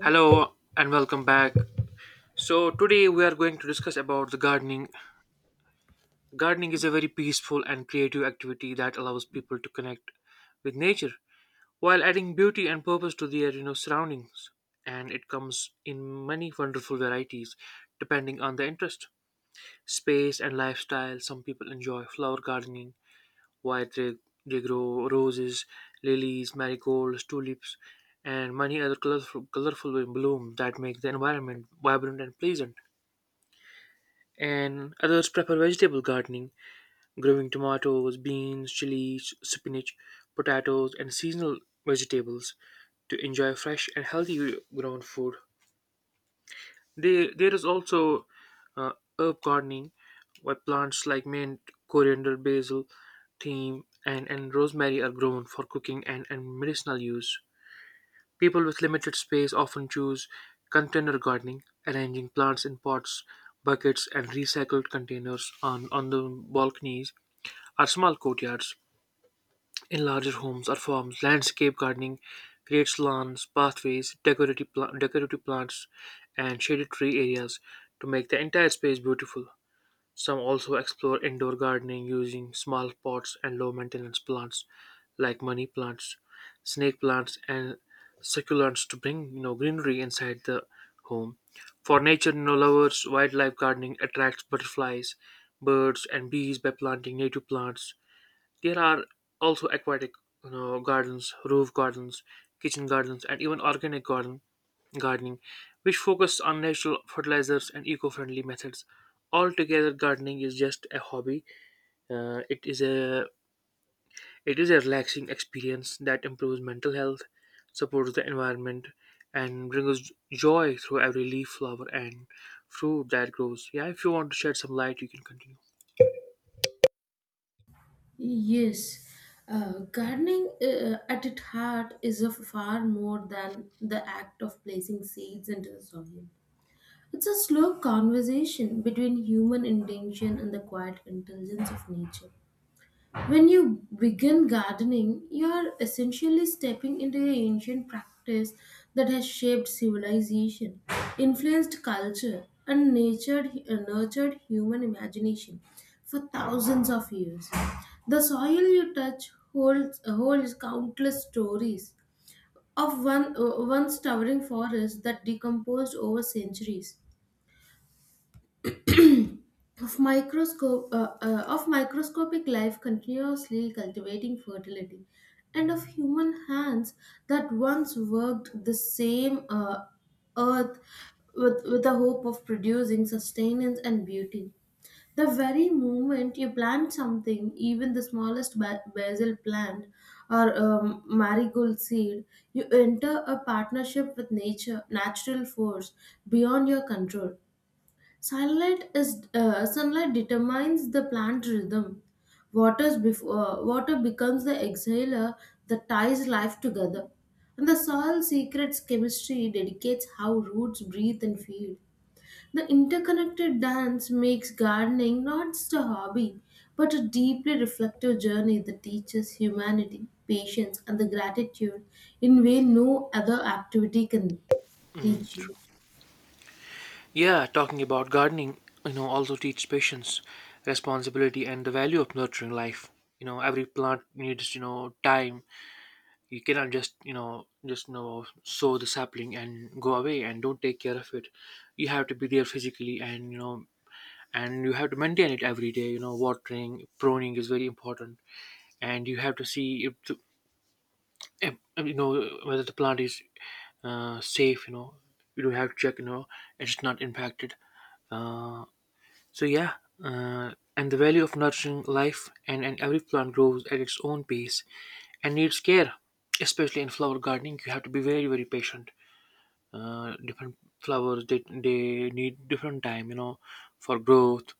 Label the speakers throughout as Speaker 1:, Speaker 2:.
Speaker 1: Hello and welcome back. So today we are going to discuss about the gardening. Gardening is a very peaceful and creative activity that allows people to connect with nature while adding beauty and purpose to their surroundings. And it comes in many wonderful varieties depending on the interest, space and lifestyle. Some people enjoy flower gardening White reg- regro roses, lilies, marigolds, tulips, and many other colorful blooms that make the environment vibrant and pleasant. And others prefer vegetable gardening, growing tomatoes, beans, chilies, spinach, potatoes, and seasonal vegetables to enjoy fresh and healthy grown food. There is also uh, herb gardening, where plants like mint, coriander, basil, thyme, and rosemary are grown for cooking and medicinal use. People with limited space often choose container gardening, arranging plants in pots, buckets, and recycled containers on the balconies or small courtyards. In larger homes or farms, landscape gardening creates lawns, pathways, decorative plants, and shaded tree areas to make the entire space beautiful. Some also explore indoor gardening using small pots and low maintenance plants like money plants, snake plants, and succulents to bring greenery inside the home. For nature, you know, lovers, wildlife gardening attracts butterflies, birds, and bees by planting native plants. There are also aquatic you know, gardens, roof gardens, kitchen gardens, and even organic garden gardening, which focus on natural fertilizers and eco-friendly methods. Altogether, gardening is just a hobby. Uh, it is a it is a relaxing experience that improves mental health, supports the environment, and brings joy through every leaf, flower, and fruit that grows. Yeah, if you want to shed some light, you can continue.
Speaker 2: Yes, gardening at its heart is a far more than the act of placing seeds into the soil. It's a slow conversation between human intention and the quiet intelligence of nature. When you begin gardening, you're essentially stepping into an ancient practice that has shaped civilization, influenced culture, and nurtured human imagination for thousands of years. The soil you touch holds countless stories of one once towering forests that decomposed over centuries of microscope of microscopic life continuously cultivating fertility, and of human hands that once worked the same earth with the hope of producing sustenance and beauty. The very moment you plant something, even the smallest basil plant or marigold seed, you enter a partnership with nature, natural force beyond your control. Sunlight determines the plant rhythm. Water becomes the exhaler that ties life together. And the soil secrets chemistry dedicates how roots breathe and feed. The interconnected dance makes gardening not just a hobby, but a deeply reflective journey that teaches humanity, patience, and the gratitude in way no other activity can
Speaker 1: Mm,
Speaker 2: teach you.
Speaker 1: true. Yeah, talking about gardening, you know, also teaches patience, responsibility, and the value of nurturing life. You know, every plant needs, you know, time. You cannot just, you know, sow the sapling and go away and don't take care of it. You have to be there physically and, you know, and you have to maintain it every day. You know, watering, pruning is very important. And you have to see if, you know, whether the plant is safe, you know, you do have to check, you know, it's not impacted. So yeah, and the value of nurturing life, and every plant grows at its own pace and needs care. Especially in flower gardening, you have to be very patient. Different flowers they need different time, you know, for growth.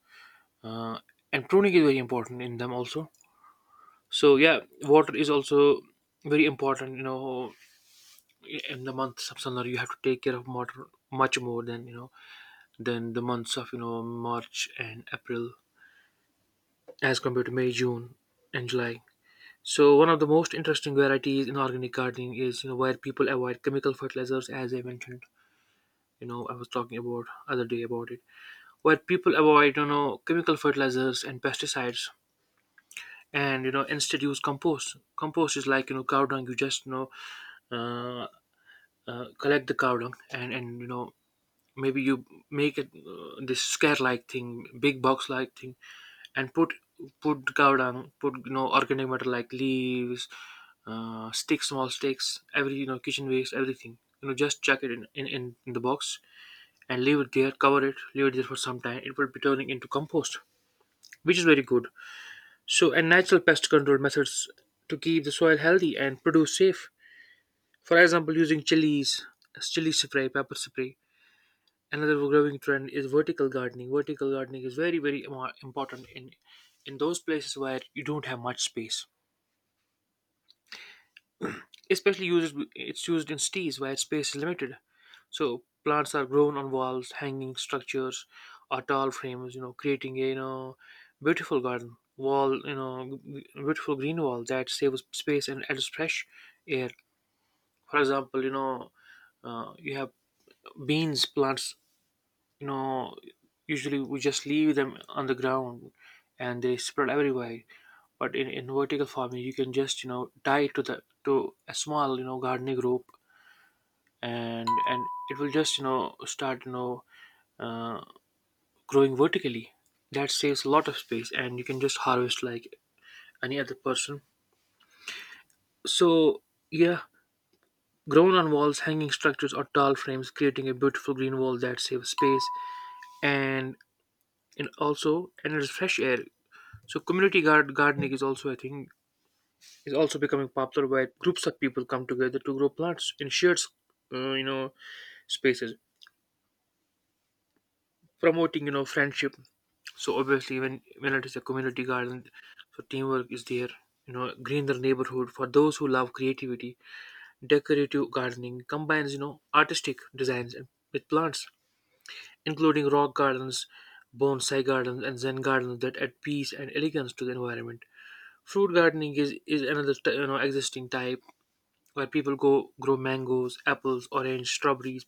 Speaker 1: Uh, and pruning is very important in them also. So yeah, water is also very important. You know, in the months of summer, you have to take care of water much more than, you know, than the months of, you know, March and April as compared to May, June, and July. So one of the most interesting varieties in organic gardening is, you know, where people avoid chemical fertilizers, as I mentioned. You know, I was talking about other day about it, where people avoid, you know, chemical fertilizers and pesticides, and, you know, instead use compost. Compost is like, you know, cow dung. You just, you know, uh, collect the cow dung and, you know, maybe you make it, this scare like thing, big box like thing, and put cow dung, put, you know, organic matter like leaves, sticks, small sticks, every, you know, kitchen waste, everything. You know, just chuck it in the box and leave it there, cover it, leave it there for some time. It will be turning into compost, which is very good. So, and natural pest control methods to keep the soil healthy and produce safe. For example, using chilies, chili spray, pepper spray, another growing trend is vertical gardening. Vertical gardening is very imo- important in those places where you don't have much space, especially used it's used in cities where space is limited. So plants are grown on walls, hanging structures, or tall frames, you know, creating a, you know, beautiful garden wall you know g- beautiful green wall that saves space and adds fresh air. For example, you know, you have beans plants, you know, usually we just leave them on the ground and they spread everywhere. But in vertical farming you can just, you know, tie it to the to a small, you know, gardening rope, and it will just, you know, start, you know, uh, growing vertically. That saves a lot of space and you can just harvest like any other person. So yeah, grown on walls, hanging structures, or tall frames creating a beautiful green wall that saves space and and also and it's fresh air. So gardening is also, I think, is also becoming popular where groups of people come together to grow plants in shared you know, spaces, promoting, you know, friendship. So obviously, when it is a community garden, so teamwork is there. You know, green the neighborhood for those who love creativity. Decorative gardening combines, you know, artistic designs and- with plants, including rock gardens, bonsai gardens, and Zen gardens that add peace and elegance to the environment. Fruit gardening is another you know existing type where people go grow mangoes, apples, orange, strawberries,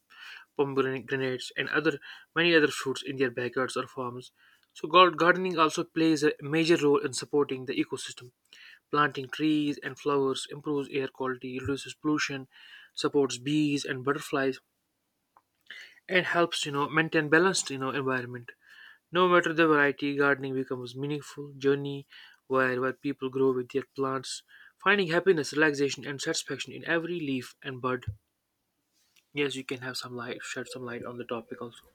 Speaker 1: pomegranates, and other many other fruits in their backyards or farms. So gardening also plays a major role in supporting the ecosystem. Planting trees and flowers improves air quality, reduces pollution, supports bees and butterflies, and helps, you know, maintain balanced, you know, environment. No matter the variety, gardening becomes a meaningful journey where people grow with their plants, finding happiness, relaxation, and satisfaction in every leaf and bud. Yes, you can have some light, shed some light on the topic also.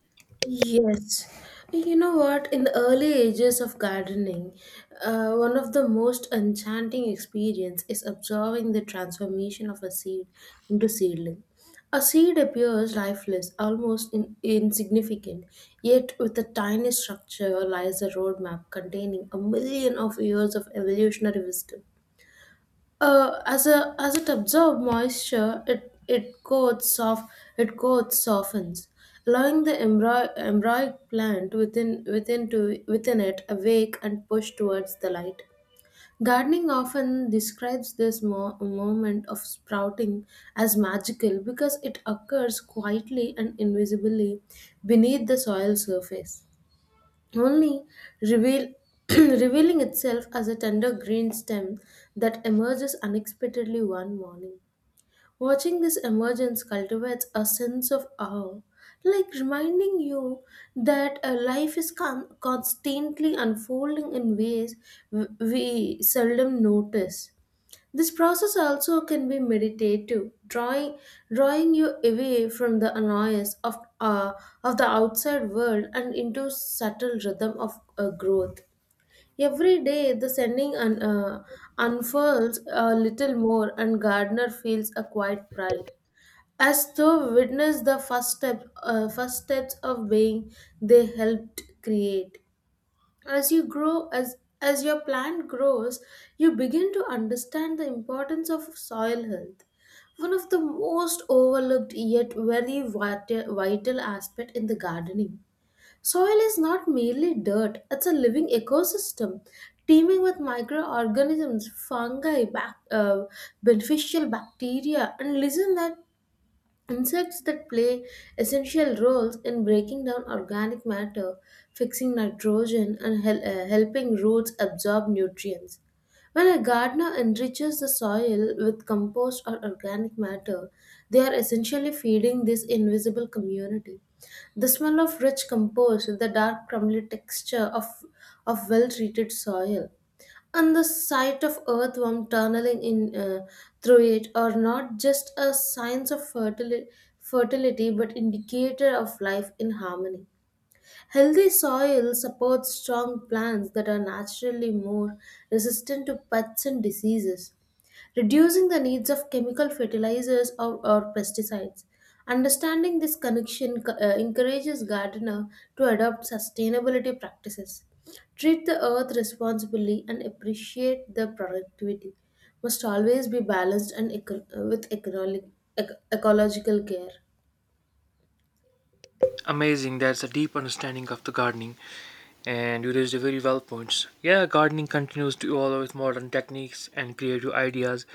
Speaker 2: Yes. You know what? In the early ages of gardening, one of the most enchanting experience is observing the transformation of a seed into seedling. A seed appears lifeless, almost insignificant, yet with a tiny structure lies a roadmap containing a million of years of evolutionary wisdom. As a as it absorbs moisture, it coats softens, allowing the embryonic plant within it awake and push towards the light. Gardening often describes this moment of sprouting as magical because it occurs quietly and invisibly beneath the soil surface, only reveal, revealing itself as a tender green stem that emerges unexpectedly one morning. Watching this emergence cultivates a sense of awe, like reminding you that life is constantly unfolding in ways we seldom notice. This process also can be meditative, drawing you away from the annoyance of the outside world and into subtle rhythm of growth. Every day, the sending unfurls a little more, and Gardner feels a quiet pride, as though witness the first steps of being they helped create. As your plant grows, you begin to understand the importance of soil health, one of the most overlooked yet very vital aspect in the gardening. Soil is not merely dirt, it's a living ecosystem teeming with microorganisms, fungi, beneficial bacteria and listen that. Insects that play essential roles in breaking down organic matter, fixing nitrogen, and helping roots absorb nutrients. When a gardener enriches the soil with compost or organic matter, they are essentially feeding this invisible community. The smell of rich compost, the dark crumbly texture of well treated soil, and the sight of earthworm tunneling in through it are not just a signs of fertility but indicator of life in harmony. Healthy soil supports strong plants that are naturally more resistant to pests and diseases, reducing the needs of chemical fertilizers or pesticides. Understanding this connection encourages gardener to adopt sustainability practices, treat the earth responsibly, and appreciate the productivity. Must always be balanced and with economic, ecological care.
Speaker 1: Amazing, that's a deep understanding of the gardening, and you raised a very well points. Yeah, gardening continues to evolve with modern techniques and creative ideas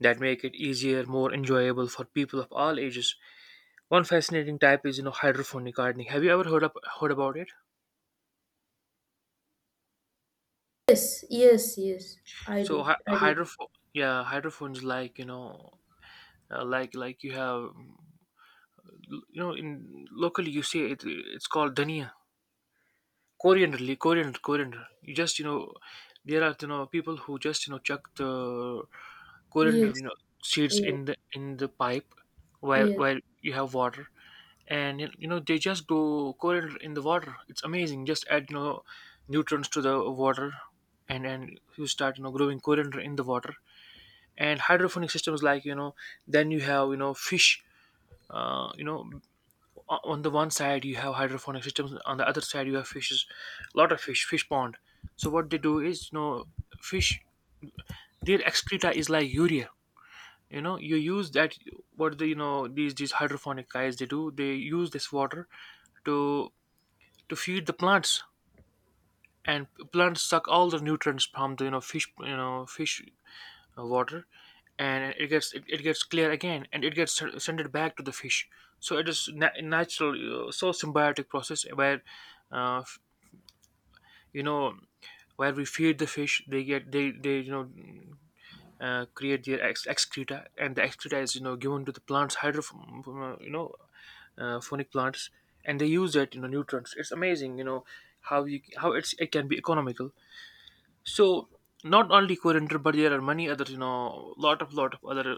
Speaker 1: that make it easier, more enjoyable for people of all ages. One fascinating type is, you know, hydroponic gardening. Have you ever heard about it?
Speaker 2: Yes, yes, yes. I
Speaker 1: So
Speaker 2: do. I do.
Speaker 1: hydrophone, yeah, hydrophones like, you know, like you have, you know, in locally you say it, it's called dhania, coriander, leaf, coriander. You just, you know, there are, you know, people who just, you know, chuck the coriander,
Speaker 2: Yes.
Speaker 1: you know, seeds
Speaker 2: Yes.
Speaker 1: in the pipe where
Speaker 2: Yes.
Speaker 1: you have water, and you know they just grow coriander in the water. It's amazing. Just add, you know, nutrients to the water, and you start, you know, growing coriander in the water, and hydroponic systems like, you know, then you have, you know, fish, you know, on the one side you have hydroponic systems, on the other side you have fishes, lot of fish pond. So what they do is, you know, fish, their excreta is like urea, you know, you use that. What the, you know, these hydroponic guys they do, they use this water to feed the plants, and plants suck all the nutrients from the, you know, fish, you know, fish water, and it gets clear again and it gets sent it back to the fish. So it is natural, so symbiotic process where, uh, f- you know, where we feed the fish, they get they you know, create their excreta, and the excreta is, you know, given to the plants hydro you know phonic plants, and they use that, you know, nutrients. It's amazing, you know, how it's it can be economical. So not only coriander, but there are many other, you know, lot of other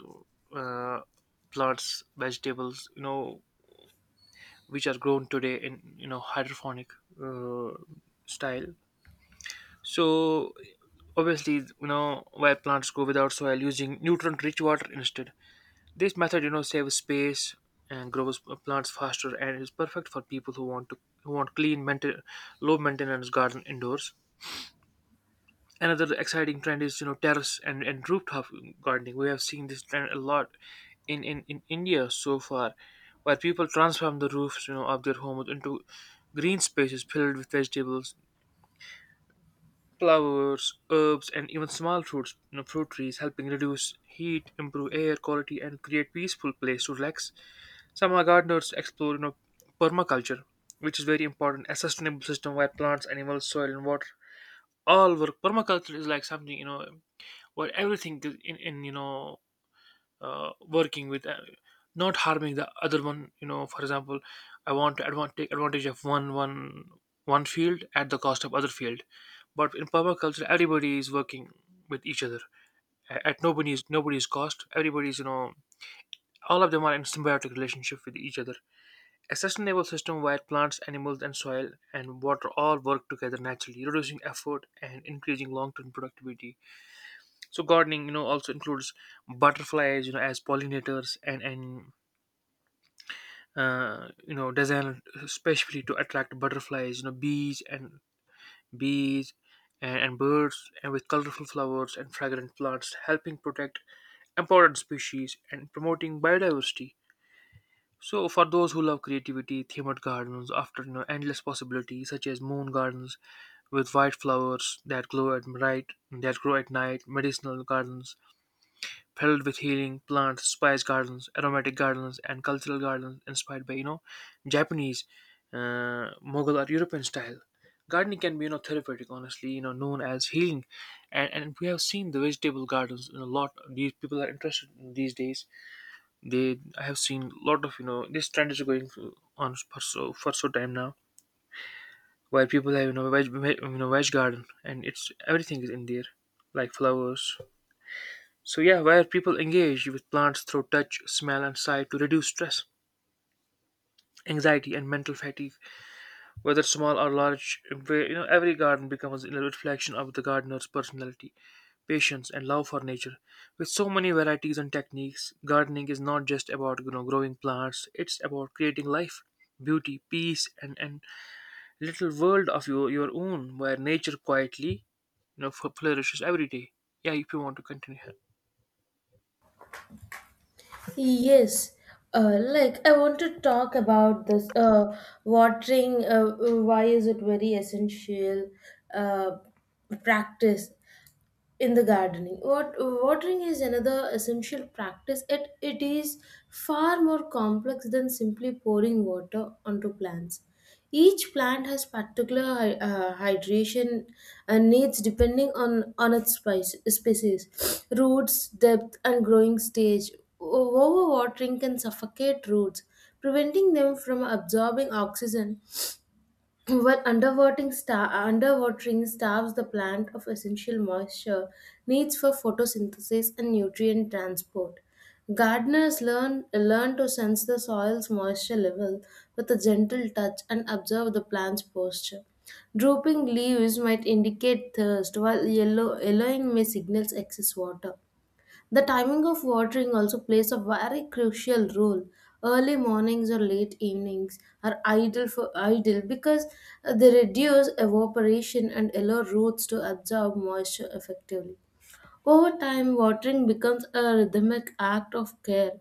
Speaker 1: uh, plants, vegetables, you know, which are grown today in, you know, hydroponic uh, style. So obviously, you know, where plants grow without soil using nutrient-rich water instead. This method, you know, saves space and grows plants faster and is perfect for people who want to who want clean, maintain, low-maintenance garden indoors. Another exciting trend is terrace and rooftop gardening. We have seen this trend a lot in India so far, where people transform the roofs, of their homes into green spaces filled with vegetables, flowers, herbs, and even small fruits, fruit trees, helping reduce heat, improve air quality, and create peaceful place to relax. Some are gardeners explore permaculture, which is very important, a sustainable system where plants, animals, soil, and water all work. Permaculture is like something, where everything is in working with not harming the other one, you know, for example, I want to take advantage of one one field at the cost of other field, but in permaculture everybody is working with each other at nobody's cost, everybody's, you know, all of them are in symbiotic relationship with each other. A sustainable system where plants, animals, and soil and water all work together, naturally reducing effort and increasing long-term productivity. So gardening, also includes butterflies, as pollinators, and you know, designed especially to attract butterflies, you know, bees, and birds, and with colorful flowers and fragrant plants, helping protect important species and promoting biodiversity. So for those who love creativity, themed gardens offer, endless possibilities such as moon gardens with white flowers that glow at night, that grow at night, medicinal gardens filled with healing plants, spice gardens, aromatic gardens, and cultural gardens inspired by, Japanese, Mughal, or European style. Gardening can be, therapeutic, honestly, you know, known as healing, and we have seen the vegetable gardens in a lot. These people are interested in these days. They, I have seen a lot of, this trend is going on for so time now, where people have, you know, you know, veg garden, and it's everything is in there, like flowers. So yeah, where people engage with plants through touch, smell, and sight to reduce stress, anxiety, and mental fatigue, whether small or large, where, you know, every garden becomes a reflection of the gardener's personality, patience, and love for nature. With so many varieties and techniques, gardening is not just about, growing plants; it's about creating life, beauty, peace, and little world of your own, where nature quietly, you know, flourishes every day. Yeah, if you want to continue here.
Speaker 2: Yes, like I want to talk about this watering. Why is it very essential uh, practice? In the gardening, what watering is another essential practice. It is far more complex than simply pouring water onto plants. Each plant has particular hydration needs depending on its species, roots depth and growing stage. Overwatering can suffocate roots, preventing them from absorbing oxygen, while underwatering starves the plant of essential moisture needs for photosynthesis and nutrient transport. Gardeners learn to sense the soil's moisture level with a gentle touch and observe the plant's posture. Drooping leaves might indicate thirst, while yellowing may signals excess water. The timing of watering also plays a very crucial role. Early mornings or late evenings are ideal for ideal because they reduce evaporation and allow roots to absorb moisture effectively. Over time, watering becomes a rhythmic act of care,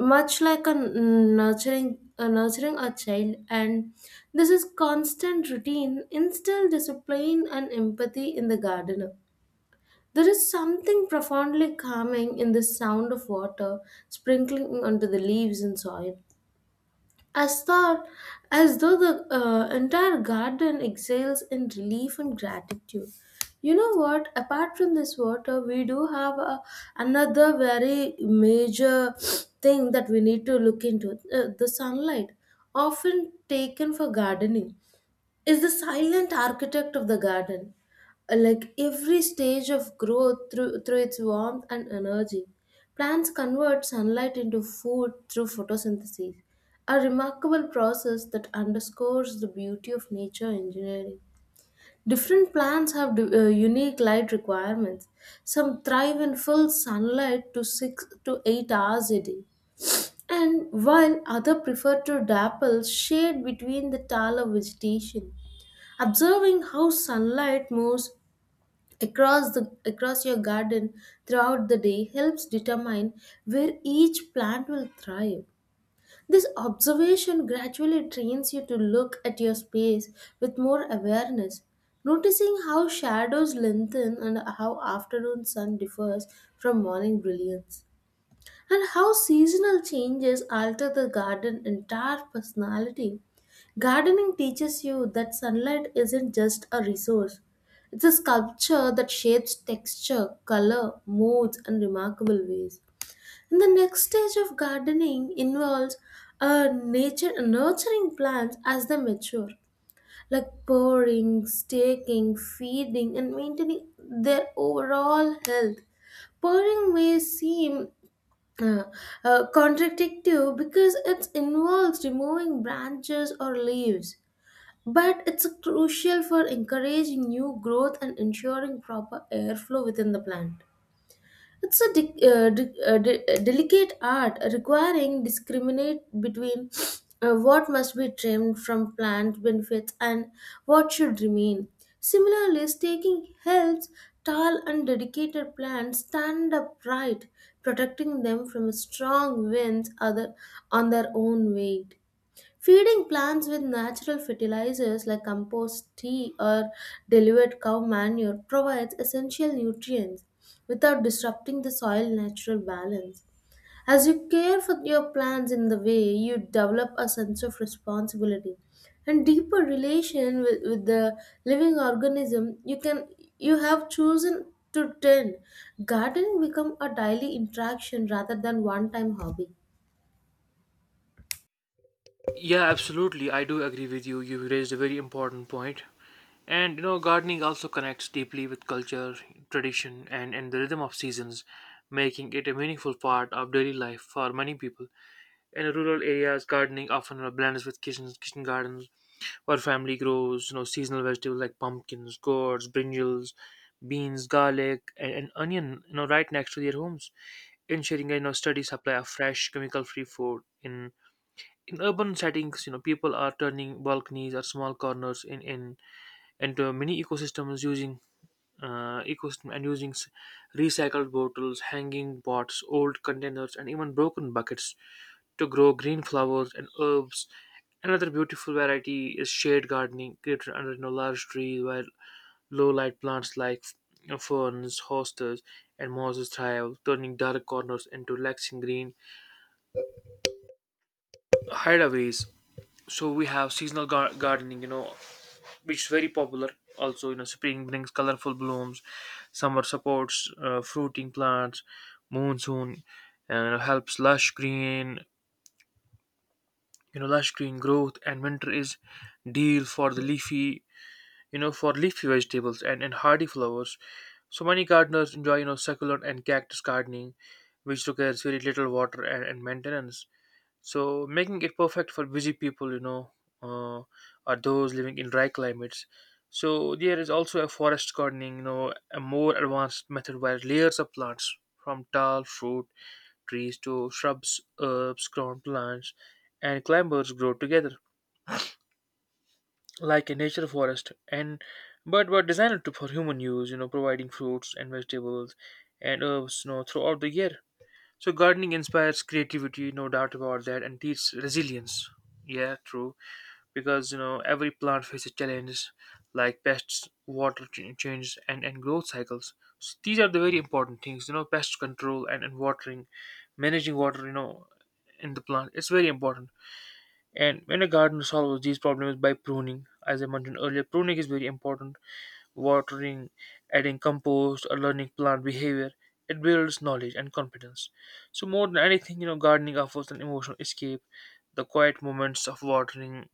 Speaker 2: much like a nurturing a nurturing a child, and this is constant routine instills discipline and empathy in the gardener. There is something profoundly calming in the sound of water sprinkling onto the leaves and soil. As though, as though the entire garden exhales in relief and gratitude. You know what? Apart from this water, we do have a, another very major thing that we need to look into the sunlight, often taken for gardening, is the silent architect of the garden. Like every stage of growth through its warmth and energy, plants convert sunlight into food through photosynthesis, a remarkable process that underscores the beauty of nature engineering. Different plants have unique light requirements. Some thrive in full sunlight to 6 to 8 hours a day, and while others prefer to dapple shade between the taller vegetation. Observing how sunlight moves across your garden throughout the day helps determine where each plant will thrive. This observation gradually trains you to look at your space with more awareness, noticing how shadows lengthen and how afternoon sun differs from morning brilliance and how seasonal changes alter the garden entire personality. Gardening teaches you that sunlight isn't just a resource. It's a sculpture that shapes texture, color, moods, and remarkable ways. And the next stage of gardening involves nature nurturing plants as they mature, like pouring, staking, feeding, and maintaining their overall health. Pouring may seem uh, contradictive because it involves removing branches or leaves, but it's crucial for encouraging new growth and ensuring proper airflow within the plant. It's a delicate art requiring discriminate between what must be trimmed from plant benefits and what should remain. Similarly, staking helps tall and dedicated plants stand upright, protecting them from strong winds other on their own weight. Feeding plants with natural fertilizers like compost tea or diluted cow manure provides essential nutrients without disrupting the soil natural balance. As you care for your plants in the way, you develop a sense of responsibility and deeper relation with the living organism you have chosen to tend. Gardening become a daily interaction rather than one time hobby.
Speaker 1: Yeah, absolutely. I do agree with you. You raised a very important point. And you know, gardening also connects deeply with culture, tradition, and the rhythm of seasons, making it a meaningful part of daily life for many people. In rural areas, gardening often blends with kitchens, kitchen gardens, where family grows, you know, seasonal vegetables like pumpkins, gourds, brinjals, beans, garlic, and onion, you know, right next to their homes, ensuring, a, you know, steady supply of fresh, chemical-free food in urban settings, you know, people are turning balconies or small corners in into mini ecosystems using ecosystem and using recycled bottles, hanging pots, old containers, and even broken buckets to grow green flowers and herbs. Another beautiful variety is shade gardening, created under, you know, large trees where low light plants like, you know, ferns, hostas, and mosses thrive, turning dark corners into relaxing green hideaways. So we have seasonal gardening, you know, which is very popular. Also, you know, spring brings colorful blooms, summer supports fruiting plants, monsoon helps lush green, you know, lush green growth, and winter is deal for the leafy, you know, for leafy vegetables and, hardy flowers. So many gardeners enjoy, you know, succulent and cactus gardening, which requires very little water and maintenance. So making it perfect for busy people, uh, or those living in dry climates. So there is also a forest gardening, you know, a more advanced method where layers of plants from tall fruit trees to shrubs, herbs, ground plants, and climbers grow together like a nature forest, and but were designed to for human use, you know, providing fruits and vegetables and herbs, you know, throughout the year. So gardening inspires creativity, no doubt about that, and teaches resilience. Yeah, true. Because you know every plant faces challenges like pests, water changes, and growth cycles. So these are the very important things. You know, pest control and watering, managing water. You know, in the plant, it's very important. And when a gardener solves these problems by pruning, as I mentioned earlier, pruning is very important, watering, adding compost, or learning plant behavior. It builds knowledge and confidence. So more than anything, you know, gardening offers an emotional escape. The quiet moments of watering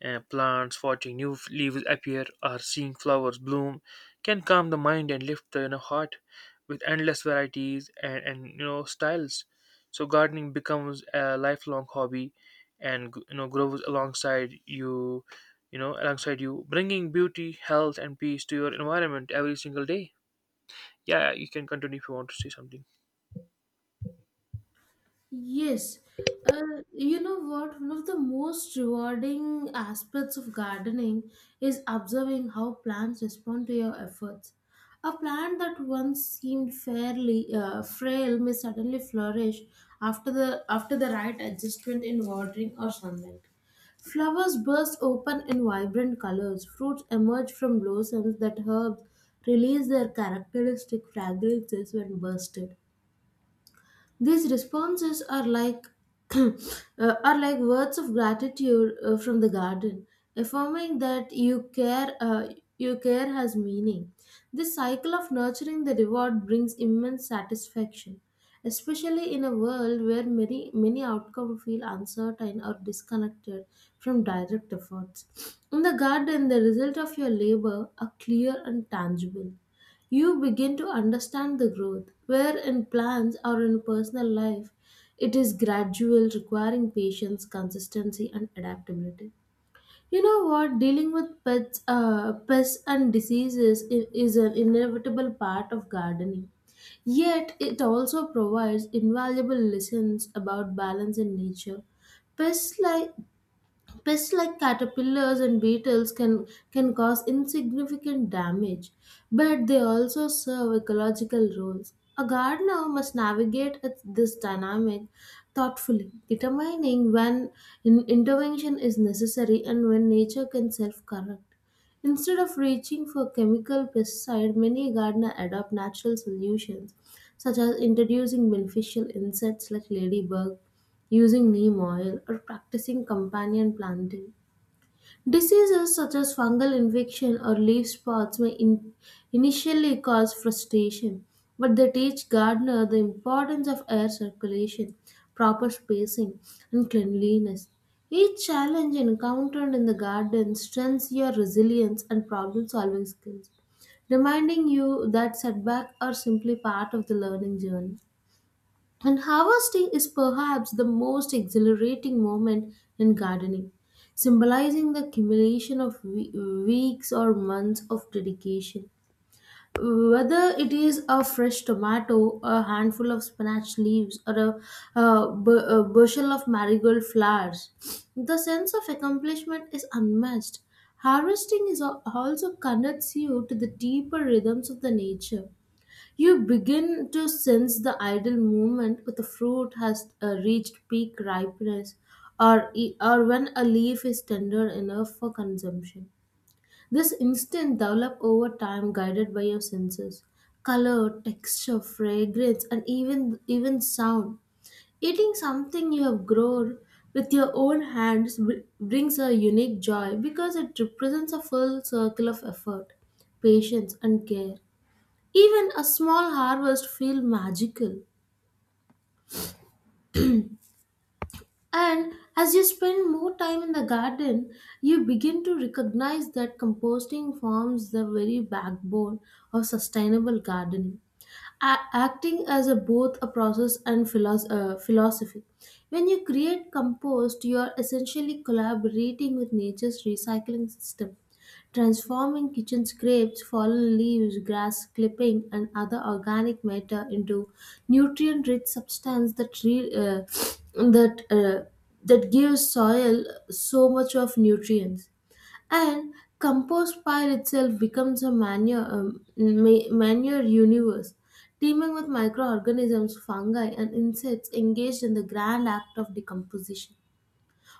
Speaker 1: and plants, watching new leaves appear, or seeing flowers bloom can calm the mind and lift the, you know, heart with endless varieties and you know styles. So gardening becomes a lifelong hobby, and you know grows alongside you, you know alongside you, bringing beauty, health, and peace to your environment every single day. Yeah, you can continue if you want to say something.
Speaker 2: Yes. Uh, you know what? One of the most rewarding aspects of gardening is observing how plants respond to your efforts. A plant that once seemed fairly frail may suddenly flourish after the right adjustment in watering or sunlight. Flowers burst open in vibrant colors. Fruits emerge from blossoms that herbs release their characteristic fragrances when bursted. These responses are like uh, are like words of gratitude from the garden, affirming that your care has meaning. This cycle of nurturing the reward brings immense satisfaction, especially in a world where many outcomes feel uncertain or disconnected from direct efforts. In the garden, the result of your labor are clear and tangible. You begin to understand the growth, where in plans or in personal life, it is gradual, requiring patience, consistency, and adaptability. You know what? Dealing with pests and diseases is an inevitable part of gardening. Yet, it also provides invaluable lessons about balance in nature. Pests like Pests like caterpillars and beetles can cause insignificant damage, but they also serve ecological roles. A gardener must navigate this dynamic thoughtfully, determining when intervention is necessary and when nature can self correct. Instead of reaching for chemical pesticide, many gardeners adopt natural solutions, such as introducing beneficial insects like ladybug, using neem oil, or practicing companion planting. Diseases such as fungal infection or leaf spots may initially cause frustration, but they teach gardener the importance of air circulation, proper spacing, and cleanliness. Each challenge encountered in the garden strengthens your resilience and problem solving skills, reminding you that setbacks are simply part of the learning journey. And harvesting is perhaps the most exhilarating moment in gardening, symbolizing the accumulation of weeks or months of dedication. Whether it is a fresh tomato, a handful of spinach leaves, or a, a bushel of marigold flowers, the sense of accomplishment is unmatched. Harvesting is also connects you to the deeper rhythms of the nature. You begin to sense the idle moment when the fruit has reached peak ripeness, or when a leaf is tender enough for consumption. This instinct develop over time guided by your senses. Color, texture, fragrance, and even sound. Eating something you have grown with your own hands brings a unique joy because it represents a full circle of effort, patience, and care. Even a small harvest feels magical. And as you spend more time in the garden, you begin to recognize that composting forms the very backbone of sustainable gardening, acting as a, both a process and philosophy. When you create compost, you are essentially collaborating with nature's recycling system, transforming kitchen scrapes, fallen leaves, grass clipping, and other organic matter into nutrient-rich substance that that uh, that gives soil so much of nutrients. And compost pile itself becomes a manure manure universe. Teeming with microorganisms, fungi, and insects engaged in the grand act of decomposition.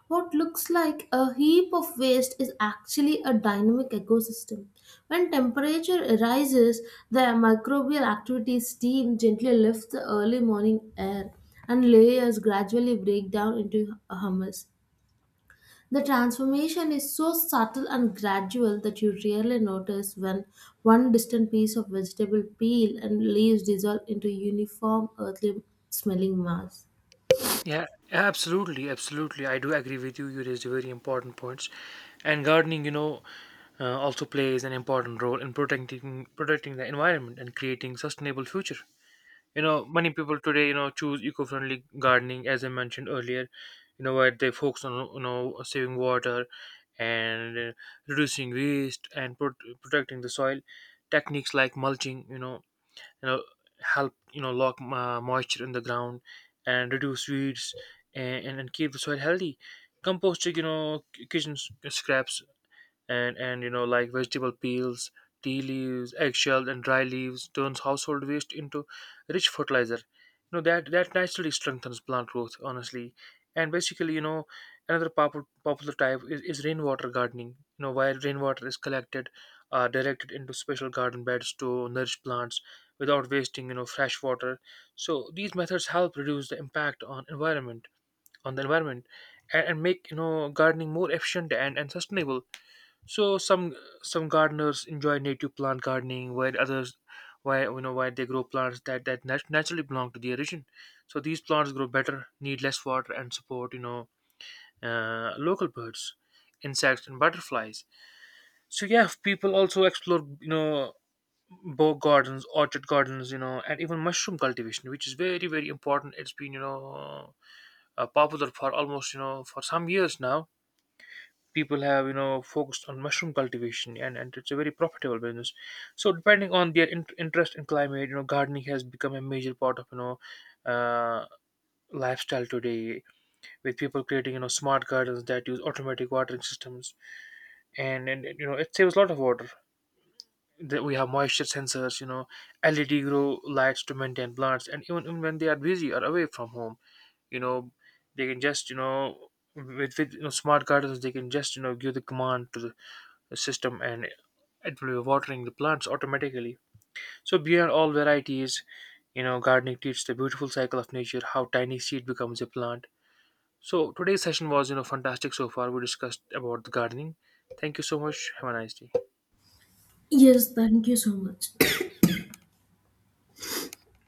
Speaker 2: What looks like a heap of waste is actually a dynamic ecosystem. When temperature rises, the microbial activity steam gently lifts the early morning air and layers gradually break down into humus. The transformation is so subtle and gradual that you rarely notice when one distant piece of vegetable peel and leaves dissolve into uniform earthly smelling mass.
Speaker 1: Yeah, absolutely, absolutely. I do agree with you. You raised very important points, and gardening, also plays an important role in protecting the environment and creating sustainable future. You know, many people today, you know, choose eco-friendly gardening, as I mentioned earlier. You know, where they focus on, you know, saving water and reducing waste and protecting the soil. Techniques like mulching, you know help, you know, lock moisture in the ground and reduce weeds and, keep the soil healthy. Composting, you know, kitchen scraps and you know like vegetable peels, tea leaves, eggshells, and dry leaves turns household waste into rich fertilizer, you know, that that naturally strengthens plant growth, honestly. And basically, you know, another popular type is rainwater gardening, you know, where rainwater is collected, directed into special garden beds to nourish plants without wasting, you know, fresh water. So these methods help reduce the impact on environment, on the environment, and make, you know, gardening more efficient and, sustainable. So some gardeners enjoy native plant gardening, while others, why, you know, why they grow plants that that naturally belong to the region. So these plants grow better, need less water, and support, you know, local birds, insects, and butterflies. So yeah, people also explore, you know, bow gardens, orchid gardens, you know, and even mushroom cultivation, which is very very important. It's been, you know, popular for almost, you know, for some years now. People have, you know, focused on mushroom cultivation, and, it's a very profitable business. So depending on their interest in climate, you know, gardening has become a major part of, uh, lifestyle today, with people creating, you know, smart gardens that use automatic watering systems, and you know it saves a lot of water, that we have moisture sensors, you know, led grow lights to maintain plants, and even when they are busy or away from home, you know, they can just, you know, with you know smart gardens they can just, you know, give the command to the system, and it will be watering the plants automatically. So beyond all varieties, you know, gardening teaches the beautiful cycle of nature, how tiny seed becomes a plant. So today's session was, you know, fantastic so far. We discussed about the gardening. Thank you so much. Have a nice day.
Speaker 2: Yes, thank you so much.